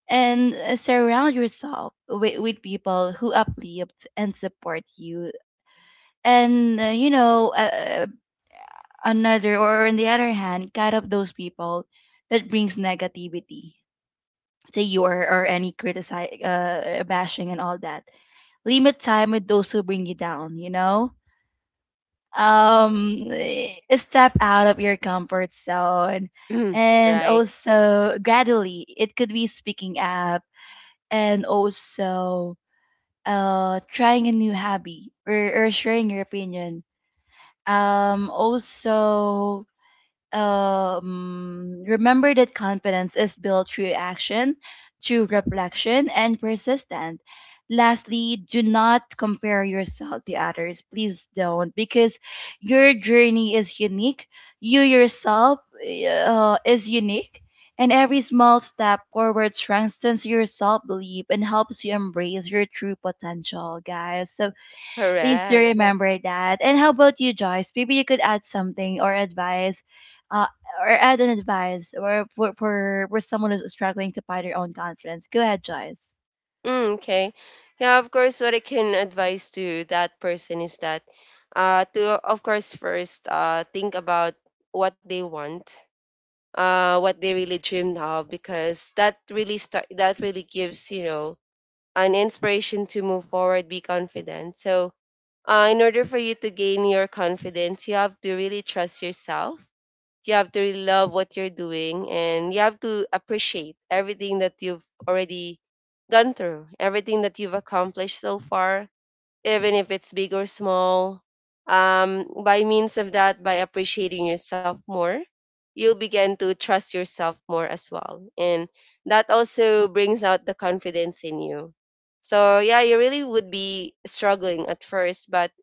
and uh, surround yourself with, with people who uplift and support you. And, uh, you know, uh, another, or on the other hand, cut off those people that brings negativity to you, or or any criticize, uh, bashing and all that. Limit time with those who bring you down, you know? um Step out of your comfort zone, and
Right.
also gradually it could be speaking up, and also uh trying a new hobby, or, or sharing your opinion. Um also um, Remember that confidence is built through action, through reflection, and persistence. Lastly, do not compare yourself to others. Please don't, because your journey is unique. You yourself uh, is unique, and every small step forward strengthens your self belief and helps you embrace your true potential, guys. So, Please do
Correct.
remember that. And how about you, Joyce? Maybe you could add something or advice, uh, or add an advice or for, for, for someone who's struggling to find their own confidence. Go ahead, Joyce.
Mm, okay. Yeah, of course, what I can advise to that person is that, uh, to, of course, first uh, think about what they want. Uh, what they really dreamed of, because that really start that really gives, you know, an inspiration to move forward, be confident. So uh, in order for you to gain your confidence, you have to really trust yourself. You have to really love what you're doing, and you have to appreciate everything that you've already gone through, everything that you've accomplished so far, even if it's big or small. Um, by means of that, by appreciating yourself more, you'll begin to trust yourself more as well. And that also brings out the confidence in you. So yeah, you really would be struggling at first, but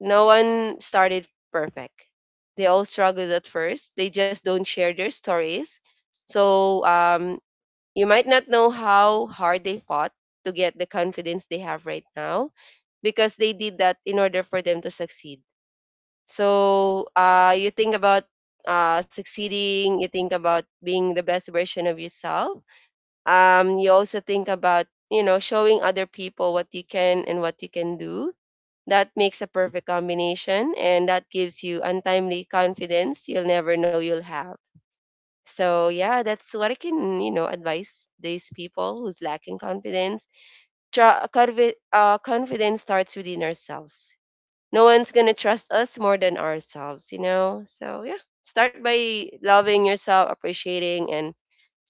no one started perfect. They all struggled at first. They just don't share their stories. So um, you might not know how hard they fought to get the confidence they have right now, because they did that in order for them to succeed. So uh, you think about uh, succeeding, you think about being the best version of yourself. Um, you also think about, you know, showing other people what you can and what you can do. That makes a perfect combination, and that gives you untimely confidence you'll never know you'll have. So yeah, that's what I can, you know, advise these people who's lacking confidence. Tru- confi- uh, confidence starts within ourselves. No one's gonna trust us more than ourselves, you know. So yeah, start by loving yourself, appreciating and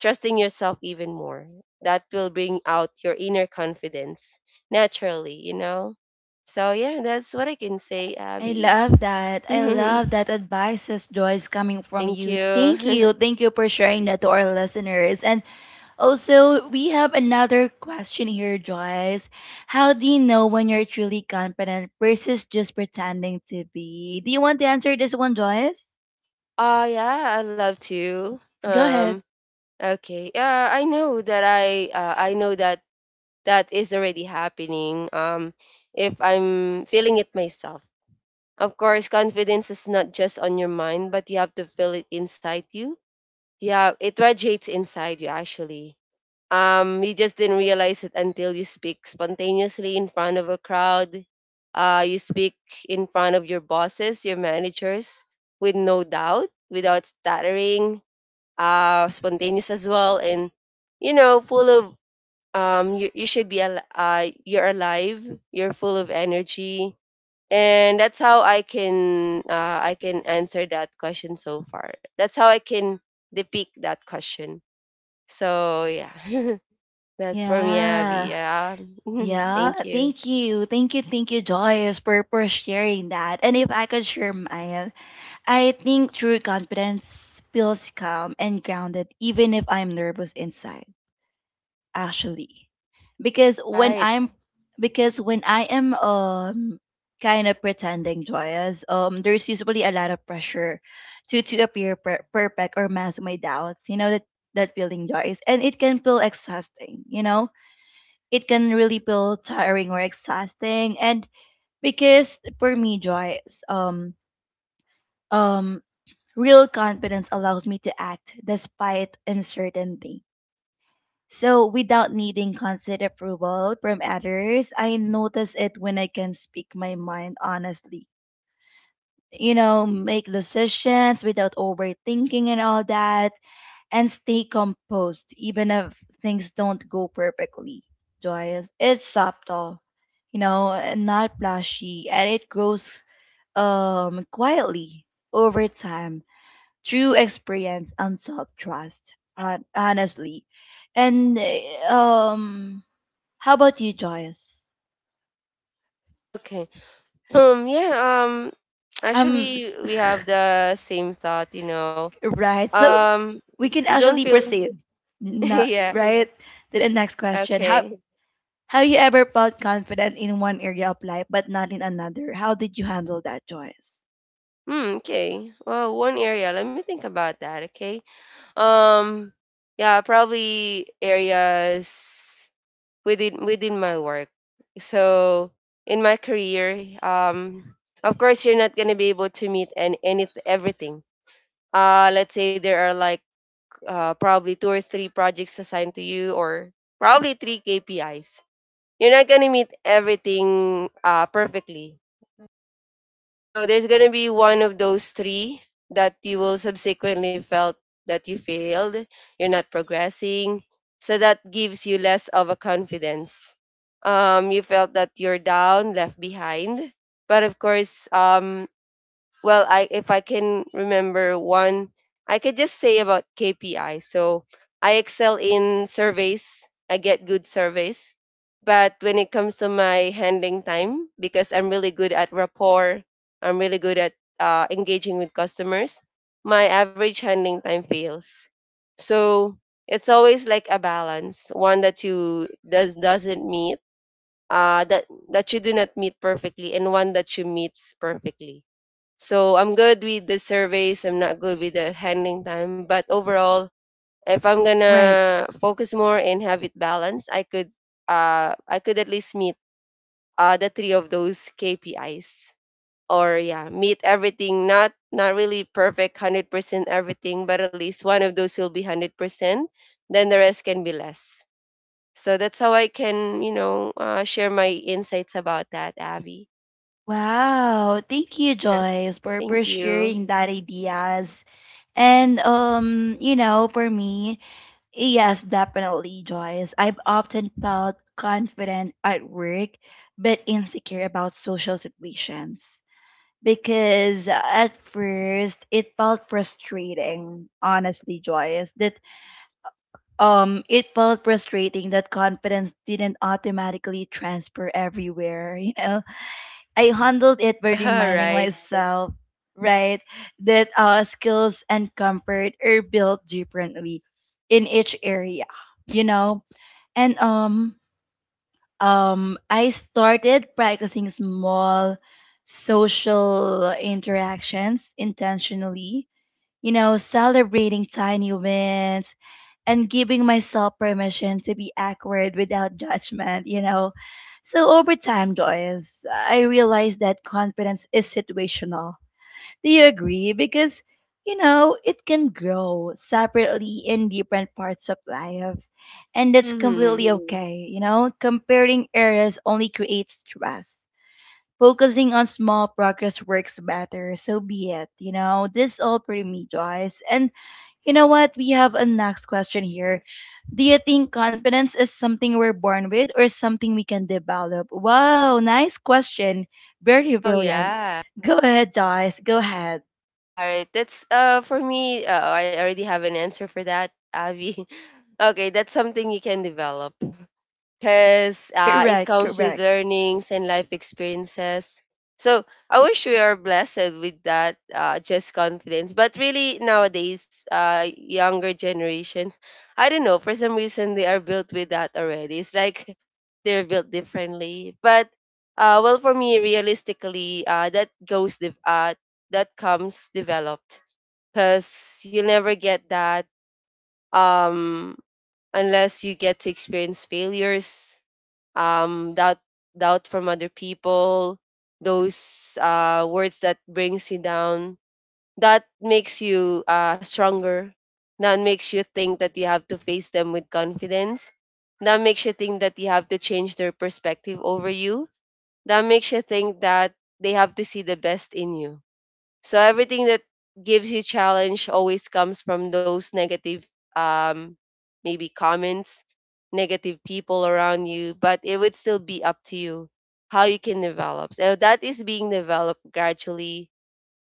trusting yourself even more. That will bring out your inner confidence naturally, you know? So yeah, that's what I can say,
I
Abby.
love that. I
Thank
love that advices, Joyce, coming from you. Thank
you.
you. Thank you for sharing that to our listeners. And also, we have another question here, Joyce. How do you know when you're truly confident versus just pretending to be? Do you want to answer this one, Joyce?
Oh, yeah, I love to.
Go ahead.
Um, okay. Uh, I know that I, uh, I know that that is already happening. Um, if I'm feeling it myself. Of course, confidence is not just on your mind, but you have to feel it inside you. Yeah, it radiates inside you actually. Um, you just didn't realize it until you speak spontaneously in front of a crowd. Uh, you speak in front of your bosses, your managers, with no doubt, without stuttering, uh, spontaneous as well, and you know, full of um, you, you should be al- uh, you're alive, you're full of energy, and that's how I can uh, I can answer that question so far. That's how I can depict that question. So yeah. That's for me, Abby.
Yeah.
Yeah.
Yeah.
Thank you.
Thank you. Thank you. Thank you, Joyce, for, for sharing that. And if I could share mine, I think true confidence feels calm and grounded, even if I'm nervous inside, actually. Because when
Right.
I'm because when I am, um kind of pretending, Joyous, um there's usually a lot of pressure to to appear per- perfect or mask my doubts. You know that that feeling, Joyce. And it can feel exhausting, you know? It can really feel tiring or exhausting. And because for me, Joyce, um um real confidence allows me to act despite uncertainty, so without needing constant approval from others. I notice it when I can speak my mind honestly, you know, make decisions without overthinking and all that, and stay composed even if things don't go perfectly. Joy, it's subtle, you know, and not flashy, and it grows um quietly over time through experience and self trust. Uh, honestly, and uh, um, How about you, Joyce?
Okay. Um yeah, um
Um,
actually
s-
we have the same thought, you know.
right. So
Um
we can
you don't
actually
feel
proceed. Not
yeah,
right to the next question. How?
okay.
Have you ever felt confident in one area of life but not in another? How did you handle that, Joyce?
Hmm, okay. Well, one area, let me think about that, okay? Um yeah, probably areas within within my work. So in my career, um of course you're not gonna be able to meet and any everything. uh let's say there are like, uh, probably two or three projects assigned to you, or probably three K P Is. You're not gonna meet everything uh, perfectly. So there's gonna be one of those three that you will subsequently felt that you failed, you're not progressing. So that gives you less of a confidence. Um, you felt that you're down, left behind. But of course, um, well I if I can remember one, I could just say about KPI. So I excel in surveys, I get good surveys, but when it comes to my handling time, because I'm really good at rapport, I'm really good at uh, engaging with customers, my average handling time fails. So it's always like a balance, one that you does doesn't meet, uh that that you do not meet perfectly, and one that you meets perfectly. So I'm good with the surveys. I'm not good with the handling time. But overall, if I'm
Right.
gonna focus more and have it balanced, I could uh I could at least meet uh the three of those K P Is. Or yeah, meet everything. Not not really perfect hundred percent everything, but at least one of those will be hundred percent. Then the rest can be less. So that's how I can, you know, uh, share my insights about that, Abby.
Wow. Thank you, Joyce, for, for
Thank you.
sharing that ideas. And um, you know, for me, yes, definitely, Joyce. I've often felt confident at work but insecure about social situations, because at first it felt frustrating, honestly, Joyce, that Um, it felt frustrating that confidence didn't automatically transfer everywhere. You know, I handled it by
All
reminding
right.
myself, right, that uh, skills and comfort are built differently in each area. You know, and um, um, I started practicing small social interactions intentionally. You know, celebrating tiny wins and giving myself permission to be awkward without judgment, you know. So over time, Joyce, I realized that confidence is situational. Do you agree? Because, you know, it can grow separately in different parts of life. And that's completely,
Mm-hmm.
mm, okay, you know. Comparing areas only creates stress, focusing on small progress works better. So be it. You know, this all for me, Joyce. And you know what? We have a next question here. Do you think confidence is something we're born with or something we can develop? Wow, nice question. Very
Oh
brilliant.
yeah.
Go ahead, Joyce. Go ahead.
All right. That's uh for me, uh, I already have an answer for that, Abby. Okay, that's something you can develop because uh, it
Correct,
comes with
correct,
learnings and life experiences. So I wish we are blessed with that uh, just confidence. But really, nowadays, uh, younger generations, I don't know, for some reason, they are built with that already. It's like they're built differently. But uh, well, for me, realistically, uh, that goes de- uh, that comes developed, because you'll never get that, um, unless you get to experience failures, um doubt doubt from other people, those uh words that brings you down, that makes you uh stronger, that makes you think that you have to face them with confidence, that makes you think that you have to change their perspective over you, that makes you think that they have to see the best in you. So everything that gives you challenge always comes from those negative, um maybe, comments, negative people around you, but it would still be up to you how you can develop. So that is being developed gradually.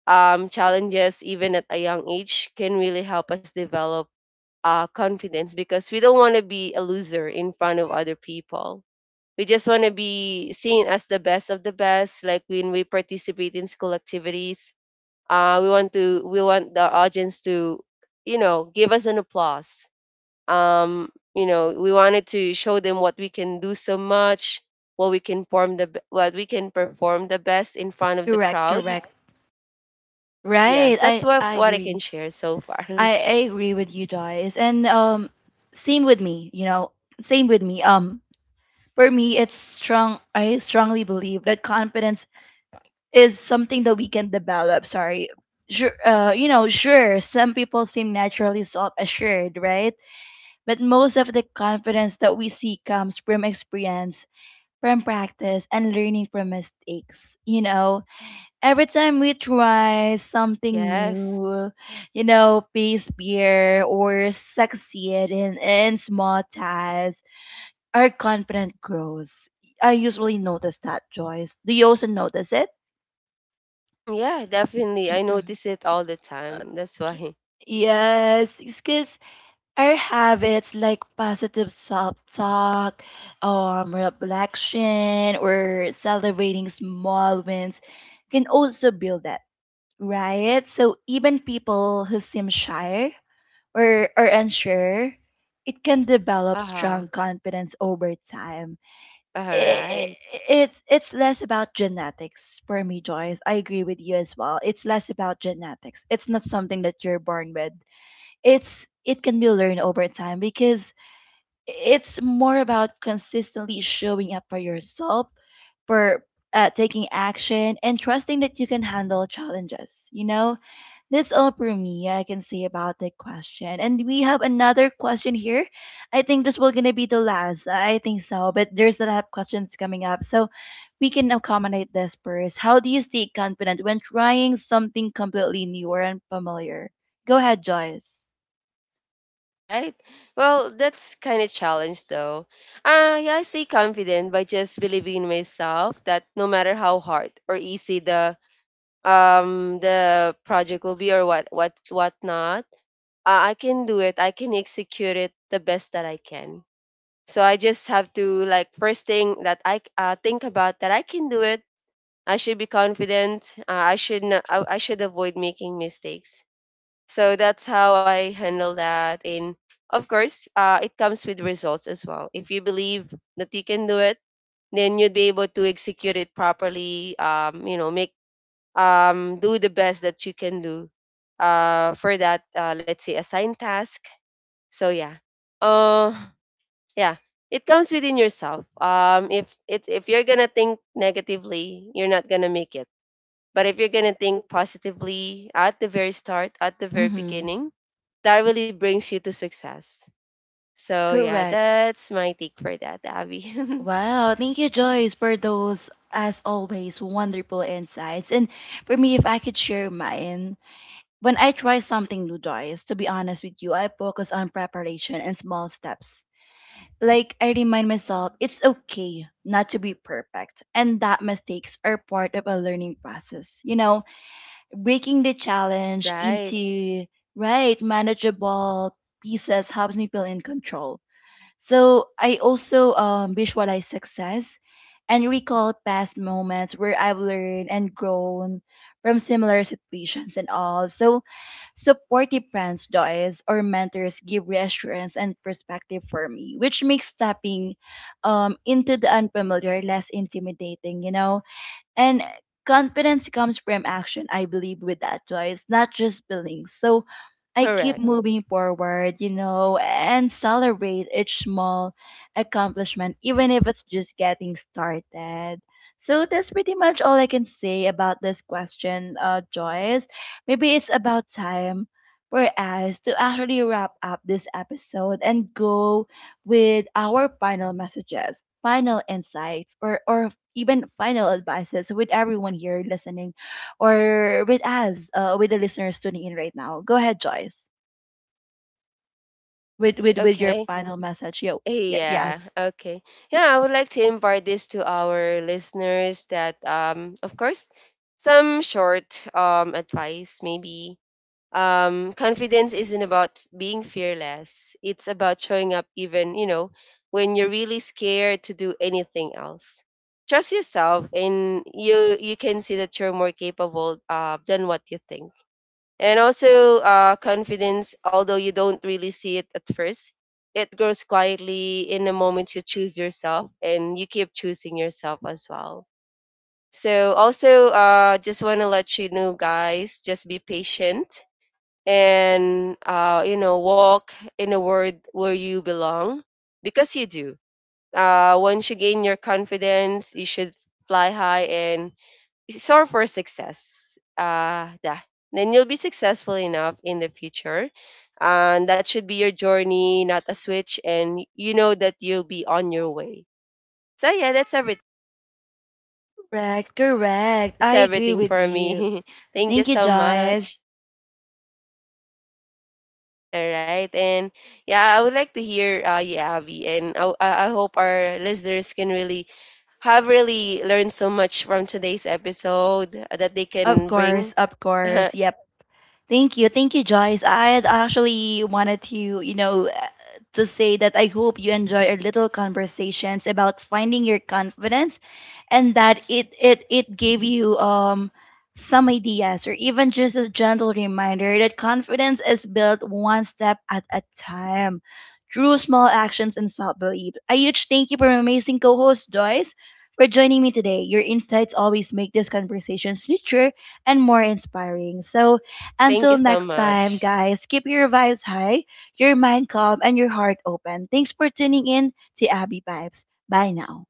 Um challenges even at a young age can really help us develop uh confidence, because we don't want to be a loser in front of other people. We just want to be seen as the best of the best, like when we participate in school activities, uh, we want to we want the audience to, you know, give us an applause. Um you know we wanted to show them what we can do so much, what we can perform the b- what we can perform the best in front of the
correct,
crowd.
correct. Right.
Yes, that's
I,
what
I
what I can
agree.
share so far.
I, I agree with you, Joyce. And um, same with me, you know, same with me. Um, For me, it's strong. I strongly believe that confidence is something that we can develop. Sorry. Sure, uh, you know, sure, some people seem naturally self assured, right? But most of the confidence that we see comes from experience, from practice, and learning from mistakes. You know, every time we try something
Yes.
new, you know, face fear or succeed in, in small tasks, our confidence grows. I usually notice that, Joyce. Do you also notice it?
Mm, yeah, definitely I notice it all the time, that's
Okay.
why.
Yes, because our habits like positive self-talk, um, reflection, or celebrating small wins can also build that, right? So even people who seem shy or are unsure, it can develop
Uh-huh.
strong confidence over time.
All
It
right.
it's it's less about genetics for me, Joyce. I agree with you as well. It's less about genetics. It's not something that you're born with. It's it can be learned over time, because it's more about consistently showing up for yourself, for uh, taking action, and trusting that you can handle challenges. You know, that's all for me I can say about that question. And we have another question here. I think this will gonna be the last. I think so, but there's a lot of questions coming up, so we can accommodate this first. How do you stay confident when trying something completely new or unfamiliar? Go ahead, Joyce.
Right. Well, that's kind of challenge though. Uh, yeah, I stay confident by just believing in myself, that no matter how hard or easy the um the project will be, or what what what not, uh, I can do it. I can execute it the best that I can. So I just have to, like, first thing that I uh, think about that I can do it. I should be confident. Uh, I should not, I, I should avoid making mistakes. So that's how I handle that. And of course, uh, it comes with results as well. If you believe that you can do it, then you'd be able to execute it properly. Um, you know, make um, do the best that you can do uh, for that. Uh, let's say assigned task. So yeah, uh, yeah, it comes within yourself. Um, if it's if you're gonna think negatively, you're not gonna make it, but if you're gonna think positively at the very start, at the very
Mm-hmm.
beginning, that really brings you to success. So yeah,
Correct.
that's my take for that, Abby.
Wow. Thank you, Joyce, for those, as always, wonderful insights. And for me, if I could share mine, when I try something new, Joyce, to be honest with you, I focus on preparation and small steps. Like, I remind myself it's okay not to be perfect and that mistakes are part of a learning process. You know, breaking the challenge
Right.
into right manageable pieces helps me feel in control. So, I also um, visualize success and recall past moments where I've learned and grown from similar situations and all. So, supportive friends, Joyce, or mentors give reassurance and perspective for me, which makes stepping um, into the unfamiliar less intimidating, you know? And confidence comes from action. I believe with that Joyce. Not just feelings. So I keep
Correct.
moving forward, you know, and celebrate each small accomplishment, even if it's just getting started. So that's pretty much all I can say about this question, uh, Joyce. Maybe it's about time for us to actually wrap up this episode and go with our final messages, final insights, or, or even final advices with everyone here listening or with us, uh, with the listeners tuning in right now. Go ahead, Joyce, with,
It-
with, with your
Okay.
final message. Yo, y-
Yeah.
yes.
Okay. Yeah, I would like to impart this to our listeners, that um of course, some short, um advice maybe. Um, confidence isn't about being fearless. It's about showing up even, you know, when you're really scared to do anything else. Trust yourself, and you you can see that you're more capable uh, than what you think. And also, uh, confidence, although you don't really see it at first, it grows quietly in the moment you choose yourself, and you keep choosing yourself as well. So also, uh just want to let you know guys, just be patient, and uh, you know, walk in a world where you belong, because you do. Uh, once you gain your confidence, you should fly high and soar for success. Uh, yeah, then you'll be successful enough in the future, and that should be your journey, not a switch, and you know that you'll be on your way. So yeah, that's everything.
Correct, correct.
That's
I agree
everything
with
for
you.
me. Thank you
Thank you,
so
Joyce.
much.
Thank you, thank you, Joyce, for, for, for accepting my
All
invite
right.
here.
And
And
yeah, I would
uh,
like to hear uh yeah, Abby, and I, I I hope our listeners can really have really learned so much from today's episode that they
of
can
course,
bring.
of course, yep. Thank you. Thank you, Joyce. I had actually wanted to, you know, uh, to say that I hope you enjoy our little conversations about finding your confidence, and that it it it gave you um some ideas or even just a gentle reminder that confidence is built one step at a time through small actions and self-belief. A huge thank you for my amazing co-host Joyce for joining me today. Your insights always make these conversations richer and more inspiring. So
Thank
until
you so
next time,
much.
guys, keep your vibes high, your mind calm, and your heart open. Thanks for tuning in to Abby Vibes. Bye now.